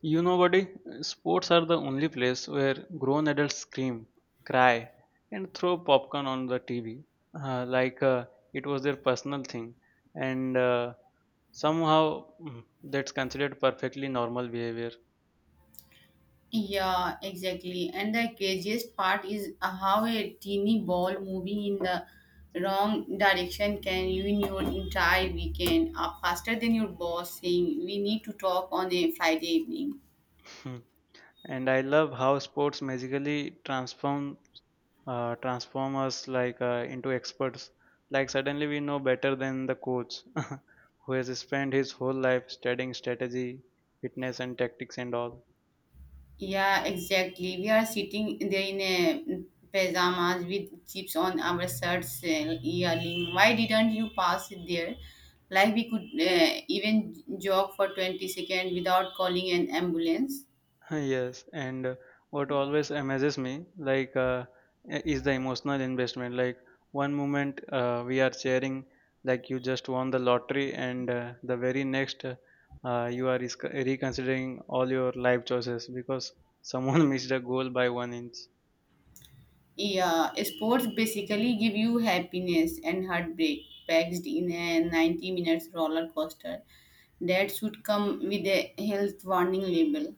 You know, buddy, sports are the only place where grown adults scream, cry, and throw popcorn on the TV like it was their personal thing, and somehow that's considered perfectly normal behavior. Yeah, exactly. And the craziest part is how a teeny ball moving in the wrong direction can ruin your entire weekend faster than your boss saying, We need to talk on a Friday evening. Hmm. And I love how sports magically transform transform us like into experts. Like suddenly we know better than the coach who has spent his whole life studying strategy, fitness, and tactics and all. Yeah, exactly. We are sitting there in a pajamas with chips on our shirts, yelling, Why didn't you pass it there? Like we could even jog for 20 seconds without calling an ambulance. Yes, and what always amazes me, is the emotional investment. Like one moment we are cheering like you just won the lottery, and the very next, you are reconsidering all your life choices because someone missed a goal by one inch. Yeah, sports basically give you happiness and heartbreak packed in a 90 minutes roller coaster that should come with a health warning label.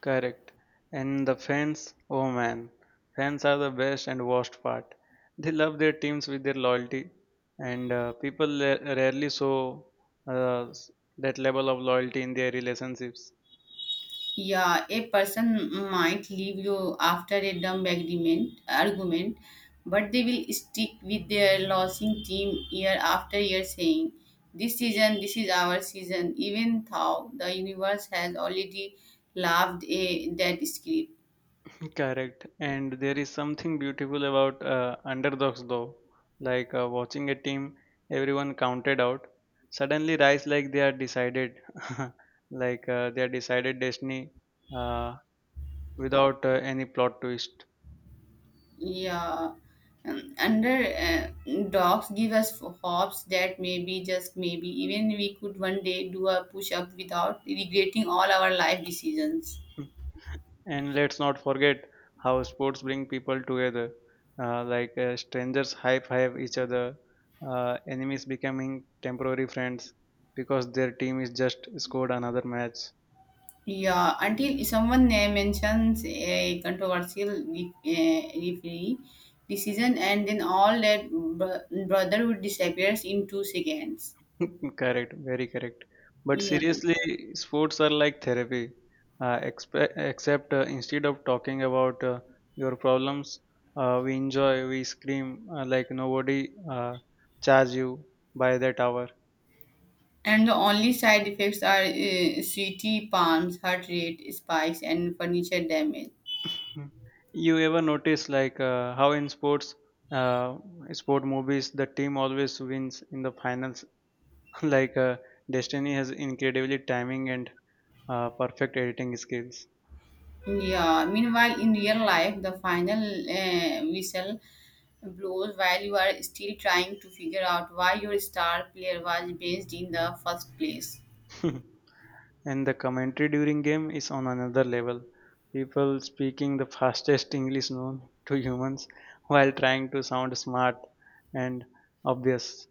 Correct. And the fans, oh man, fans are the best and worst part. They love their teams with their loyalty, and people rarely show uh, s- that level of loyalty in their relationships. Yeah, a person might leave you after a dumb argument, but they will stick with their losing team year after year saying, This season, this is our season, even though the universe has already laughed a, that script. Correct. And there is something beautiful about underdogs, though. Like watching a team, everyone counted out, suddenly rise like they are decided, like they are decided destiny uh, without any plot twist. Yeah, under dogs give us hopes that maybe, just maybe, even we could one day do a push up without regretting all our life decisions. And let's not forget how sports bring people together. Like strangers high five each other, enemies becoming temporary friends because their team is just scored another match. Yeah, until someone mentions a controversial referee decision, and then all that brotherhood disappears in 2 seconds. Correct, very correct. But Yeah. seriously, sports are like therapy. Except instead of talking about your problems, we enjoy, we scream like nobody charge you by that hour. And the only side effects are sweaty palms, heart rate spikes, and furniture damage. Mhm. You ever notice like how in sports, uh, sport movies, the team always wins in the finals. Like Destiny has incredibly timing and perfect editing skills. Yeah. Meanwhile, in real life, the final whistle blows while you are still trying to figure out why your star player was based in the first place. And the commentary during game is on another level. People speaking the fastest English known to humans while trying to sound smart and obvious.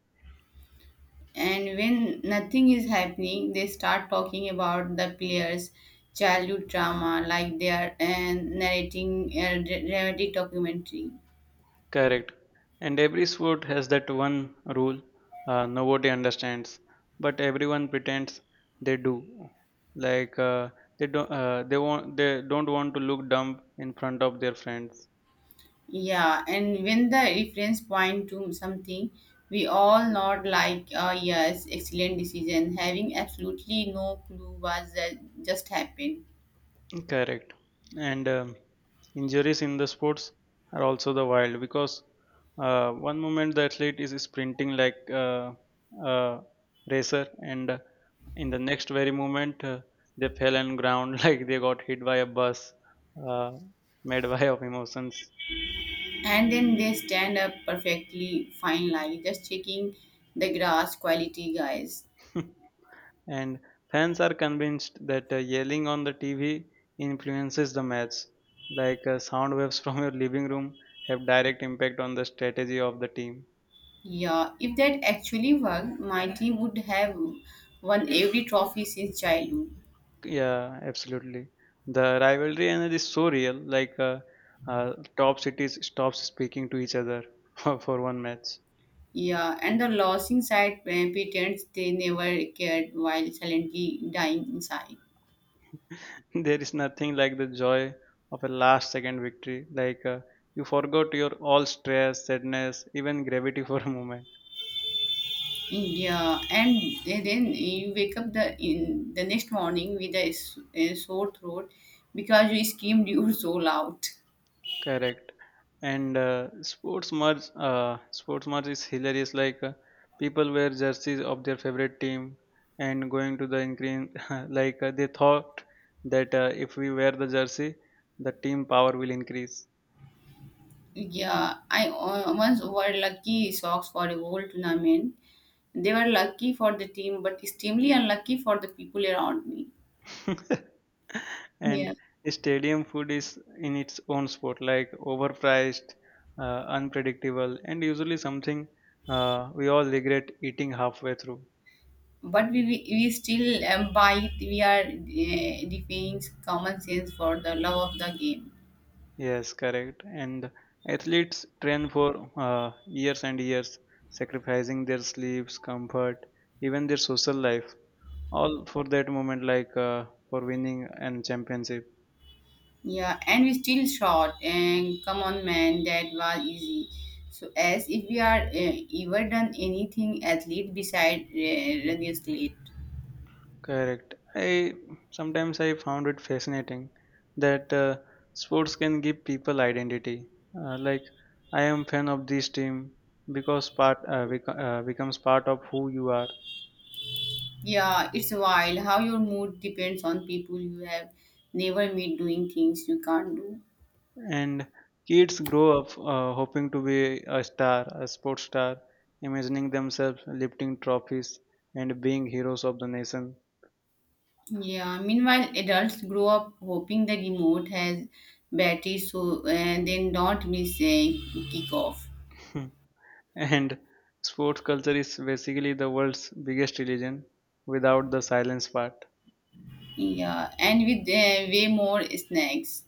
And when nothing is happening, they start talking about the player's childhood trauma like they are narrating a dramatic documentary. Correct. And every sport has that one rule nobody understands, but everyone pretends they do. Like uh, they don't, they don't want to look dumb in front of their friends. Yeah, and when the reference point to something, we all nod like, yes, excellent decision, having absolutely no clue what that just happened. Correct. And injuries in the sports are also the wild because one moment the athlete is sprinting like a uh, uh, racer, and in the next very moment they fell on ground like they got hit by a bus uh, made by of emotions. And then they stand up perfectly fine, like just checking the grass quality, guys. And fans are convinced that yelling on the TV influences the match, like sound waves from your living room have direct impact on the strategy of the team. Yeah, if that actually worked, my team would have won every trophy since childhood. Yeah, absolutely. The rivalry and it is so real. Like top cities stops speaking to each other for one match. Yeah, and the losing side pretends they never cared while silently dying inside. There is nothing like the joy of a last second victory. Like you forgot your all stress, sadness, even gravity for a moment. Yeah, and then you wake up the in the next morning with a sore throat because you screamed you were so loud. Correct. And sports merch is hilarious. Like people wear jerseys of their favorite team and going to the increase. Like they thought that if we wear the jersey, the team power will increase. Yeah, I once wore lucky socks for a whole tournament. They were lucky for the team, but extremely unlucky for the people around me. Yeah, And stadium food is in its own sport, like overpriced, unpredictable, and usually something we all regret eating halfway through. but we still buy. We are defying common sense for the love of the game. Yes, correct. And athletes train for years and years, sacrificing their sleeps, comfort, even their social life, all for that moment, like for winning and championship. Yeah, and we still shot. And come on, man, that was easy. So, as if we are ever done anything athlete beside running slate. Correct. I sometimes I found it fascinating that sports can give people identity. Like I am fan of this team because becomes part of who you are. Yeah, it's wild how your mood depends on people you have never met doing things you can't do. And kids grow up hoping to be a star, a sports star, imagining themselves lifting trophies and being heroes of the nation. Yeah, meanwhile, adults grow up hoping the remote has batteries so they don't miss a kickoff. And sports culture is basically the world's biggest religion without the silence part. Yeah, and with way more snacks.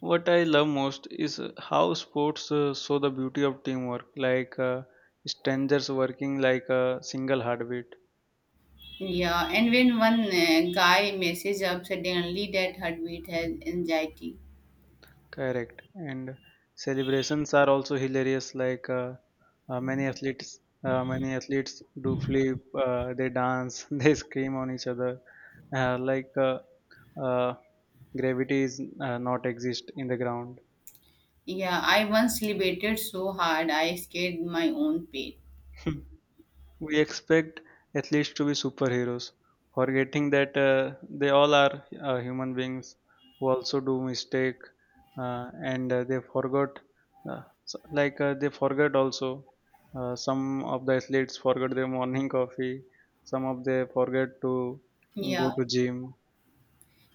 What I love most is how sports show the beauty of teamwork, like strangers working like a single heartbeat. Yeah, and when one guy messes up suddenly, that heartbeat has anxiety. Correct. And celebrations are also hilarious. Like uh, many athletes, many athletes do flip. They dance. They scream on each other. Uh, like uh, uh, Gravity is not exist in the ground. Yeah, I once celebrated so hard I scared my own pet. We expect athletes to be superheroes, forgetting that they all are human beings who also do mistake, and they forgot, so- like they forgot also. Some of the athletes forgot their morning coffee. Some of they forget to go Yeah, to gym.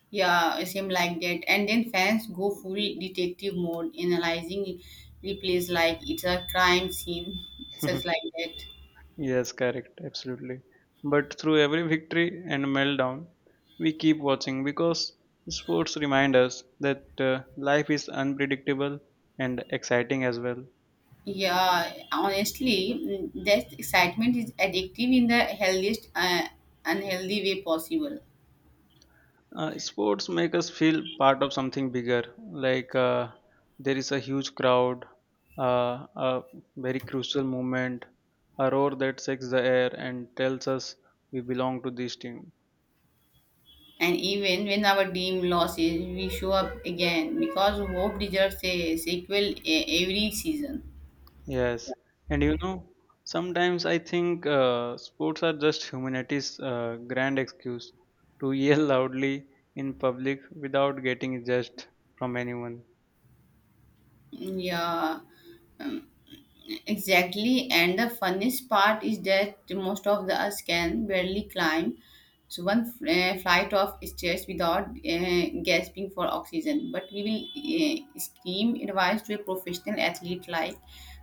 yeah, same like that. And then fans go full detective mode, analyzing replays like it's a crime scene, such like that. Yes, correct, absolutely. But through every victory and meltdown, we keep watching because sports remind us that life is unpredictable and exciting as well. Yeah, honestly, that excitement is addictive in the healthiest, unhealthy way possible. Sports make us feel part of something bigger, like there is a huge crowd, a very crucial moment, a roar that shakes the air and tells us we belong to this team. And even when our dream loses, we show up again because hope deserves a sequel every season. Yes, and you know, sometimes I think sports are just humanity's grand excuse to yell loudly in public without getting judged from anyone. Yeah, exactly, and the funniest part is that most of the us can barely climb so one flight of stairs without gasping for oxygen. But we will scream advice to a professional athlete like,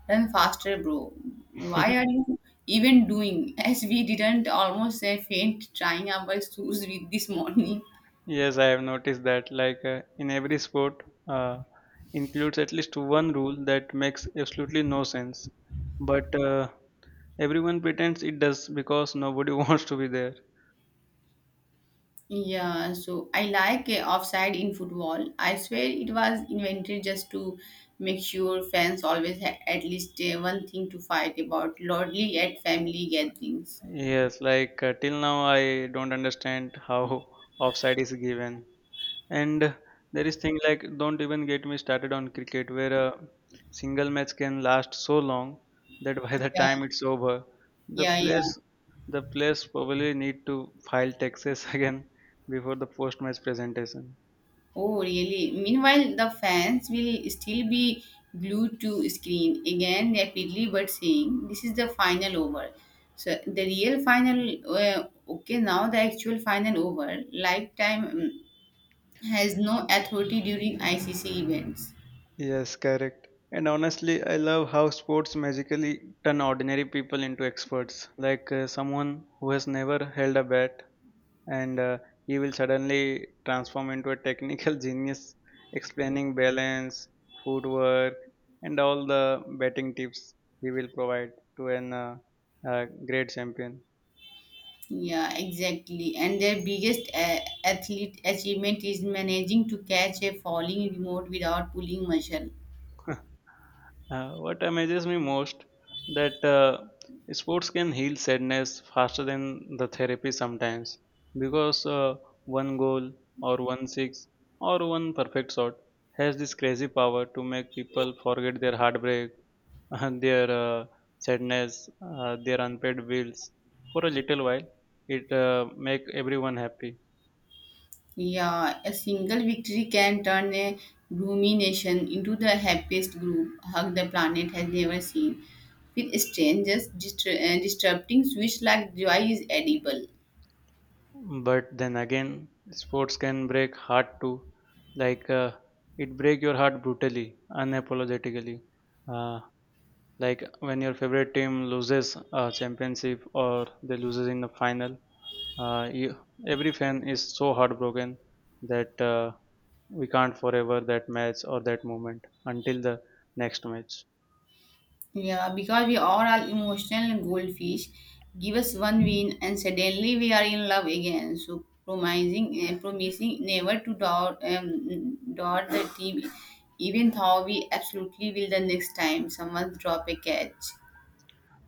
"Run faster, bro! Why are you even doing?" As we didn't almost faint trying our shoes with this morning. Yes, I have noticed that. Like in every sport, uh, includes at least one rule that makes absolutely no sense, but everyone pretends it does because nobody wants to be there. Yeah, so I like offside in football. I swear it was invented just to make sure fans always had at least one thing to fight about, lordly at family gatherings. Yes, like till now I don't understand how offside is given. And there is thing like don't even get me started on cricket where a single match can last so long that by the Yeah, time it's over, the yeah, yeah. players the players probably need to file taxes again before the post-match presentation. Oh, really? Meanwhile, the fans will still be glued to screen again rapidly, but saying this is the final over. So the real final, okay, now the actual final over, lifetime has no authority during ICC events. Yes, correct. And honestly, I love how sports magically turn ordinary people into experts. Like someone who has never held a bat and he will suddenly transform into a technical genius explaining balance, footwork, and all the betting tips he will provide to an great champion. Yeah, exactly. And their biggest athlete achievement is managing to catch a falling remote without pulling muscle. What amazes me most that sports can heal sadness faster than the therapy sometimes because one goal or 1 six or one perfect shot has this crazy power to make people forget their heartbreak, their sadness, their unpaid bills for a little while. It make everyone happy. Yeah, a single victory can turn a gloomy nation into the happiest group hug the planet has never seen. With strangers, disrupting switch like joy is edible. But then again, sports can break heart too. Like it break your heart brutally, unapologetically. Uh, like when your favorite team loses a championship or they loses in the final, uh, you, every fan is so heartbroken that we can't forever that match or that moment until the next match. Yeah, because we are all are emotional goldfish. Give us one win, and suddenly we are in love again. So promising never to doubt the team, even though we absolutely will the next time someone drop a catch.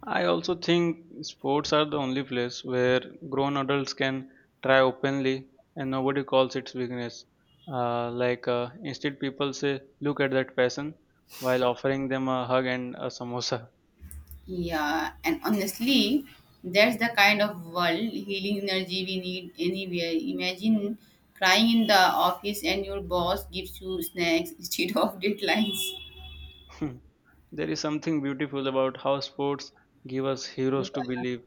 I also think sports are the only place where grown adults can try openly and nobody calls it weakness. Like instead, people say, "Look at that person," while offering them a hug and a samosa. Yeah, and honestly, that's the kind of world healing energy we need anywhere. Imagine crying in the office and your boss gives you snacks instead of deadlines. There is something beautiful about how sports give us heroes to believe,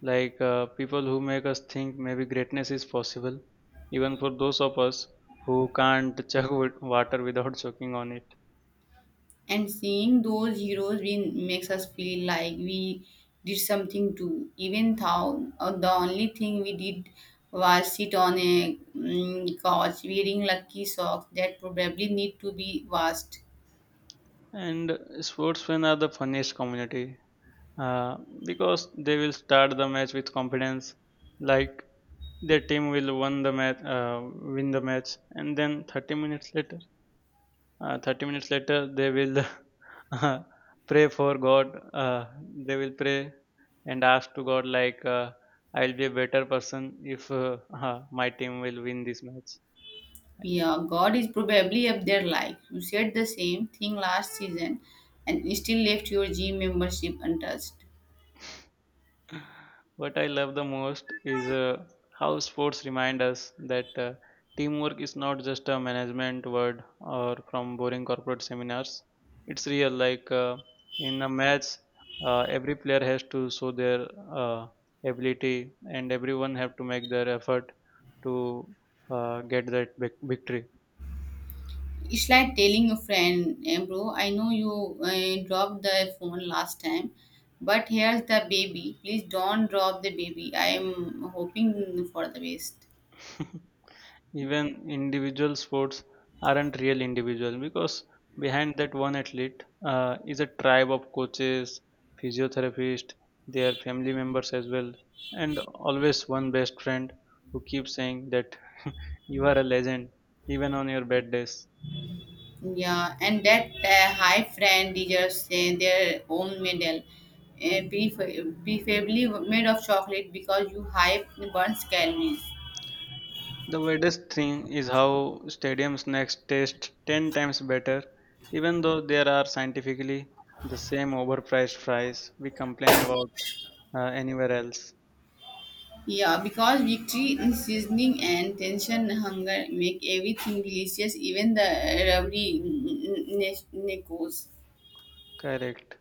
like people who make us think maybe greatness is possible, even for those of us who can't chug with water without choking on it. And seeing those heroes we makes us feel like we did something too, even though the only thing we did was sit on a couch wearing lucky socks that probably need to be washed. And sports fans are the funniest community, uh, because they will start the match with confidence, like their team will win the match, and then 30 minutes later, they will uh, pray for God. Uh, they will pray and ask to God like, "I'll be a better person if my team will win this match." Yeah, God is probably up there like you said the same thing last season and still left your gym membership untouched. What I love the most is how sports remind us that teamwork is not just a management word or from boring corporate seminars. It's real. Like in a match, every player has to show their uh, ability, and everyone have to make their effort to get that victory. It's like telling a friend, "Eh, bro, I know you dropped the phone last time, but here's the baby. Please don't drop the baby. I'm hoping for the best." Even individual sports aren't real individual because behind that one athlete is a tribe of coaches, physiotherapists, their family members as well, and always one best friend who keeps saying that you are a legend even on your bad days. Yeah, and that high friend deserves their own medal, preferably made of chocolate because you hype burns calories. The weirdest thing is how stadiums next taste 10 times better, even though there are scientifically the same overpriced fries we complain about anywhere else. Yeah, because victory in seasoning and tension hunger make everything delicious, even the rubbery nachos. Correct.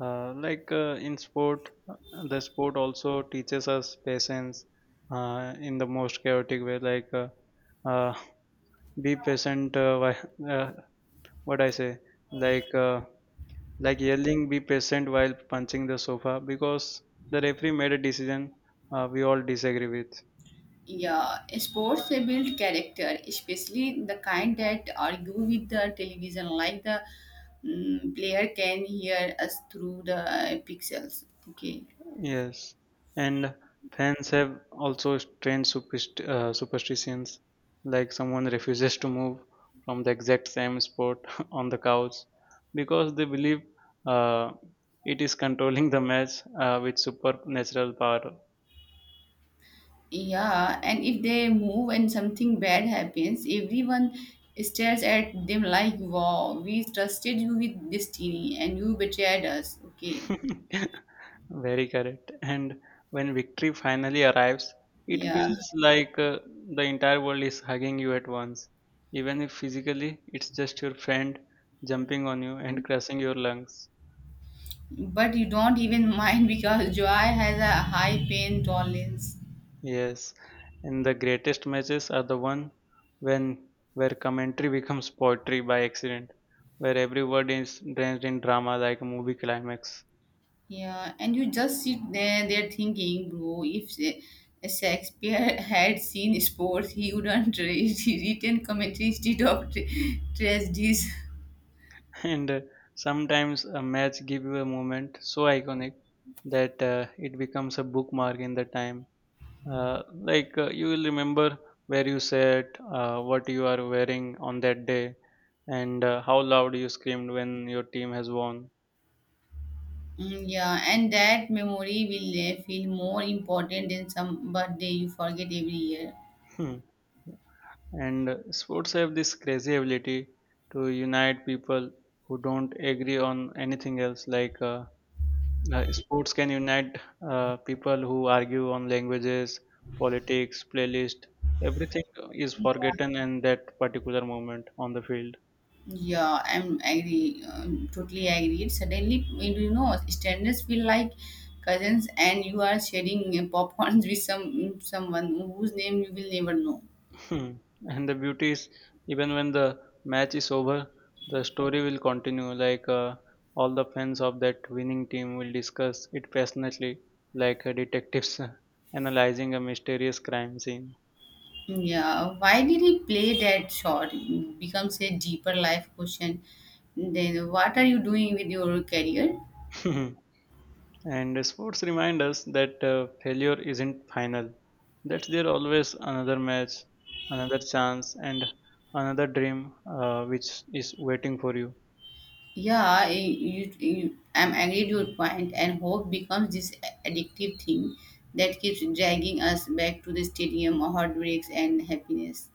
Uh, like uh, in sport, uh, the sport also teaches us patience in the most chaotic way. Like uh, be patient. What I say, like like yelling, be patient while punching the sofa because the referee made a decision we all disagree with. Yeah, sports they build character, especially the kind that argue with the television, like the player can hear us through the pixels. Okay. Yes, and fans have also strange superstitions, like someone refuses to move from the exact same spot on the couch because they believe uh, it is controlling the match with supernatural power. Yeah, and if they move and something bad happens, everyone stares at them like, wow, we trusted you with destiny and you betrayed us. Okay. Very correct. And when victory finally arrives, it Yeah, feels like the entire world is hugging you at once. Even if physically it's just your friend jumping on you and crushing your lungs. but you don't even mind because joy has a high pain tolerance. Yes, and the greatest matches are the one when where commentary becomes poetry by accident, where every word is drenched in drama like a movie climax. Yeah, and you just sit there thinking, bro, if Shakespeare had seen sports, he wouldn't written commentary instead of tragedies. And Sometimes a match give you a moment so iconic that it becomes a bookmark in the time, uh, you will remember where you sat, what you are wearing on that day, and how loud you screamed when your team has won. Mm, yeah, and that memory will feel more important than some birthday you forget every year. Hmm. and Sports have this crazy ability to unite people who don't agree on anything else, like, sports can unite people who argue on languages, politics, playlist. Everything is forgotten in that particular moment on the field. Yeah, I'm agree, totally agreed. Suddenly, standards feel like cousins, and you are sharing popcorns with someone whose name you will never know. Hmm. And the beauty is, even when the match is over, the story will continue. All the fans of that winning team will discuss it passionately, like detectives analyzing a mysterious crime scene. Yeah, why did he play that shot? It becomes a deeper life question. Then, what are you doing with your career? And sports remind us that failure isn't final. That there always another match, another chance, and another dream which is waiting for you. Yeah, I'm agree to your point, and hope becomes this addictive thing that keeps dragging us back to the stadium, heartbreaks, and happiness.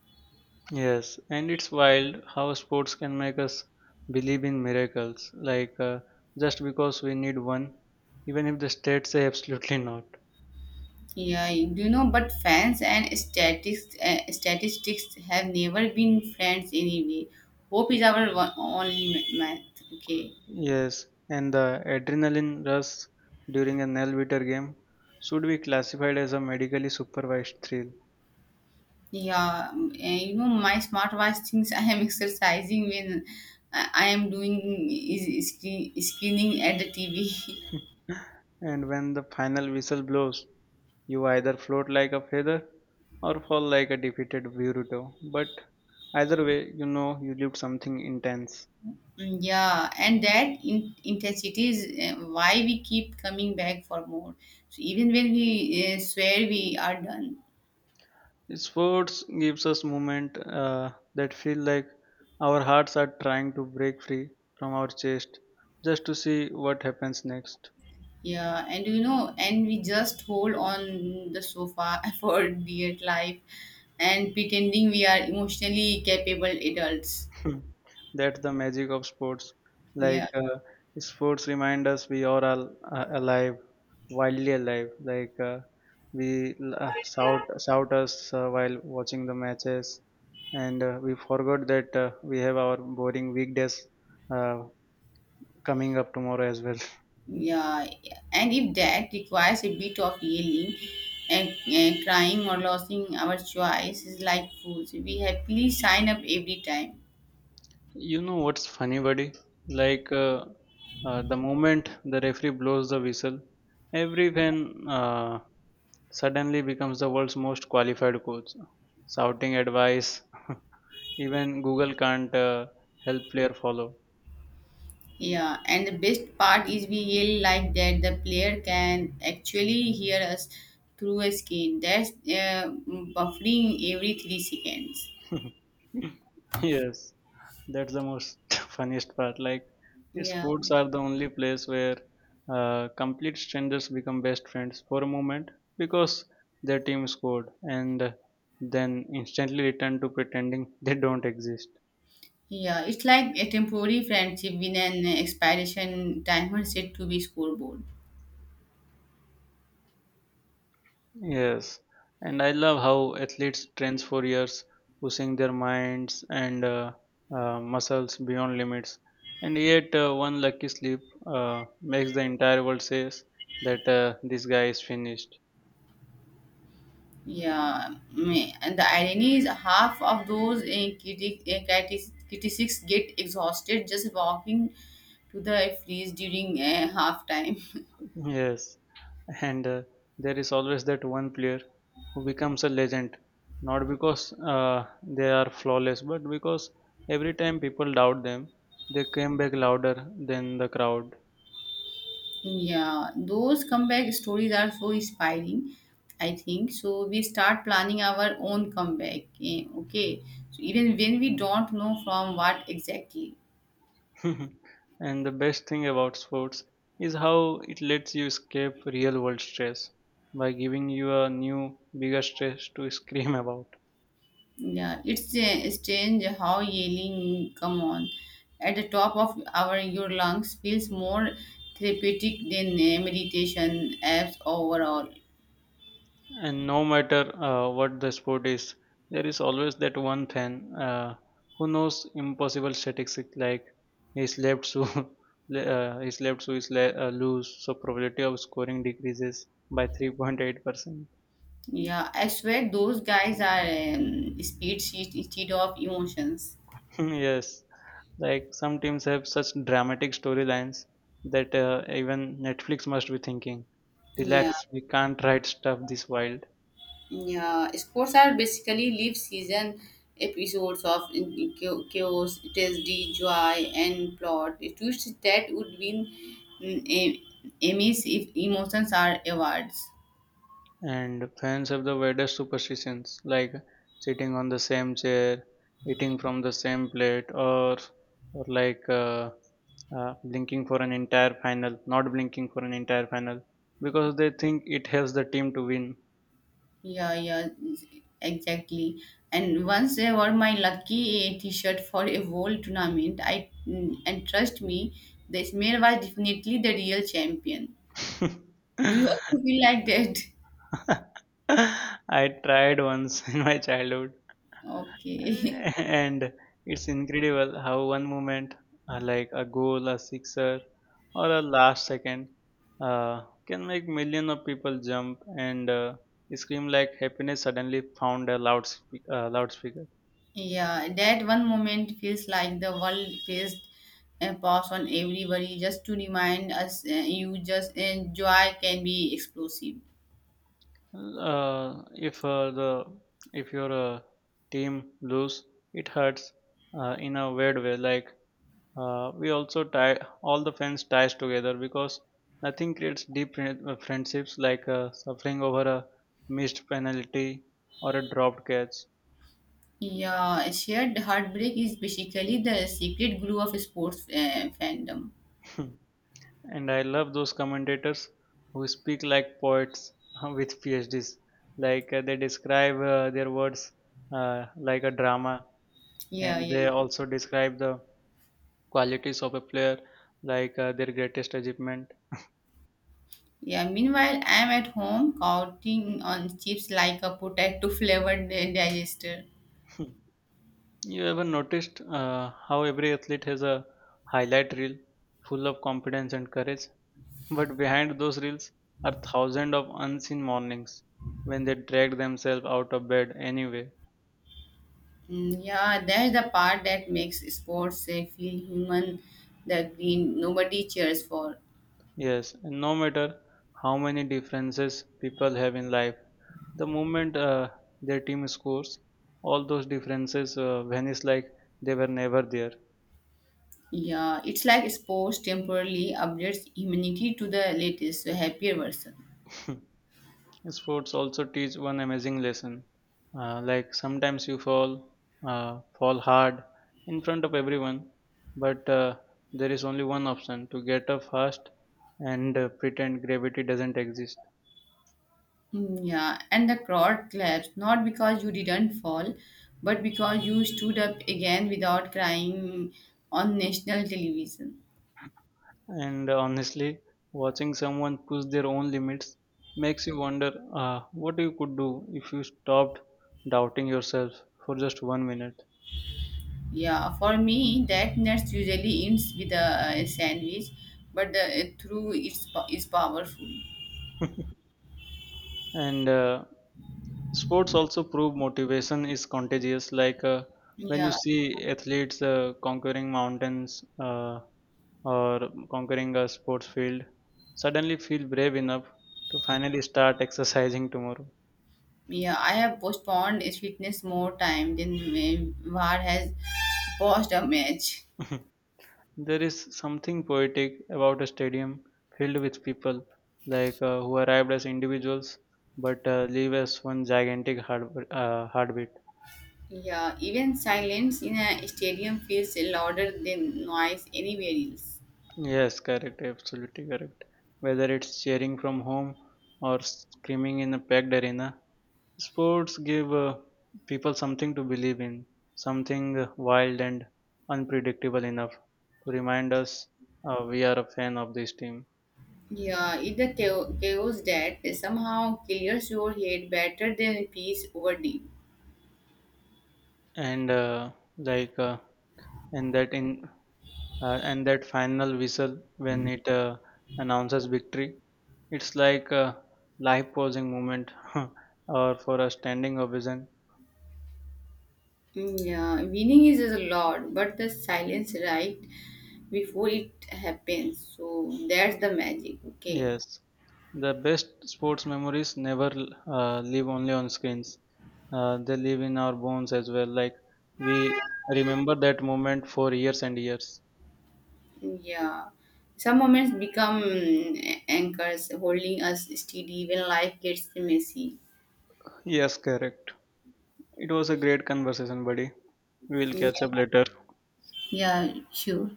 Yes, and it's wild how sports can make us believe in miracles, like, just because we need one, even if the stats say absolutely not. Yeah, do you know? But fans and statistics, have never been friends anyway. Hope is our one, only math. Okay. Yes, and the adrenaline rush during a nail biter game should be classified as a medically supervised thrill. Yeah, my smartwatch thinks I am exercising when I am doing is screening at the TV. And when the final whistle blows, you either float like a feather or fall like a defeated Boruto. But either way, you know you lived something intense. Mm, yeah, and that intensity is why we keep coming back for more. So even when we swear we are done. Sports gives us moment that feel like our hearts are trying to break free from our chest just to see what happens next. Yeah, and we just hold on the sofa for dear life and pretending we are emotionally capable adults. Hmm. That's the magic of sports. Yeah. Like uh, Sports remind us we are all alive, wildly alive. Like, we shout us while watching the matches, and we forgot that we have our boring weekdays uh, coming up tomorrow as well. Yeah, and if that requires a bit of yelling and crying or losing our choice, is like fools. We happily sign up every time. You know what's funny, buddy? Like uh, the moment the referee blows the whistle, every fan uh, suddenly becomes the world's most qualified coach, shouting advice. Even Google can't help player follow. Yeah, and the best part is we yell like that the player can actually hear us through a screen. That's buffering every 3 seconds. Yes, that's the most funniest part. Like, Yeah, sports are the only place where complete strangers become best friends for a moment because their team scored, and then instantly return to pretending they don't exist. yeah, it's like a temporary friendship with an expiration timer set to be scoreboard. Yes, and I love how athletes train for years, pushing their minds and muscles beyond limits. And yet, one lucky slip makes the entire world says that this guy is finished. Yeah, and the irony is half of those critics get exhausted just walking to the freeze during half time. Yes, and there is always that one player who becomes a legend, not because they are flawless, but because every time people doubt them, they came back louder than the crowd. Yeah, those comeback stories are so inspiring, I think. So we start planning our own comeback. Okay, so even when we don't know from what exactly. Mhm. And the best thing about sports is how it lets you escape real world stress by giving you a new, bigger stress to scream about. Yeah, it's strange how yelling come on at the top of our your lungs feels more therapeutic than meditation apps overall. And no matter what the sport is, there is always that one fan uh, who knows impossible statistics like his left shoe, his left shoe is loose, so probability of scoring decreases by 3.8%. Yeah, I swear those guys are speed sheet instead of emotions. Yes. Like some teams have such dramatic storylines that even Netflix must be thinking, Yeah, relax, we can't write stuff this wild. yeah. Sports are basically live season episodes of chaos, tragedy, joy, and plot. Twists that would win mm, a- Emmys if emotions are awards. And fans have the weirdest superstitions, like sitting on the same chair, eating from the same plate, or blinking for an entire final, not blinking for an entire final, because they think it helps the team to win. Yeah, yeah, exactly. And once I wore my lucky t-shirt for a whole tournament, and trust me, the Ismail was definitely the real champion. Do you also feel like that? I tried once in my childhood. Okay. And it's incredible how one moment, like a goal, a sixer, or a last second, can make millions of people jump and scream like happiness suddenly found a loudspeaker. Yeah, that one moment feels like the world faced a pause on everybody just to remind us you just and joy can be explosive. Uh, if uh, the if your team lose, it hurts in a weird way. Like, we also tie all the friends ties together because nothing creates deep friendships like suffering over a missed penalty or a dropped catch. Yeah, shared heartbreak is basically the secret glue of sports fandom. And I love those commentators who speak like poets with PhDs. They describe their words like a drama, Yeah, and yeah, they also describe the qualities of a player like their greatest achievement. yeah. Meanwhile, I'm at home counting on chips like a potato flavored digester. You ever noticed how every athlete has a highlight reel full of confidence and courage? But behind those reels are thousands of unseen mornings when they dragged themselves out of bed anyway. Mm, yeah, that's the part that makes sports feel human that we nobody cheers for. Yes, and no matter how many differences people have in life, the moment their team scores, all those differences vanish like they were never there. Yeah, it's like sports temporarily updates humanity to the latest, so happier version. Sports also teach one amazing lesson. Like sometimes you fall, fall hard in front of everyone, but there is only one option to get up fast and pretend gravity doesn't exist. Mm, yeah, and the crowd claps not because you didn't fall, but because you stood up again without crying on national television. And honestly, watching someone push their own limits makes you wonder what you could do if you stopped doubting yourself for just 1 minute. Yeah, for me, that nuts usually ends with a sandwich, but the through is powerful. and Sports also prove motivation is contagious. Like, when you Yeah, see athletes conquering mountains or conquering a sports field, suddenly feel brave enough to finally start exercising tomorrow. yeah. I have postponed its fitness more time than when VAR has paused a match. There is something poetic about a stadium filled with people like who arrived as individuals but leave as one gigantic heartbeat. Yeah, even silence in a stadium feels louder than noise anywhere else. Yes, correct, absolutely correct. Whether it's cheering from home or screaming in a packed arena, sports give people something to believe in, something wild and unpredictable enough to remind us we are a fan of this team. Yeah, it's the chaos that somehow clears your head better than peace over deep. And like, and that in and that final whistle, when it announces victory, it's like a life-pausing moment, or for a standing ovation. Mm, yeah, winning is a lot, but the silence right before it happens. So that's the magic. Okay. Yes. The best sports memories never live only on screens. They live in our bones as well. Like, we remember that moment for years and years. Yeah. Some moments become anchors holding us steady when life gets messy. Yes, correct. It was a great conversation, buddy. We will Yeah, catch up later. yeah, sure.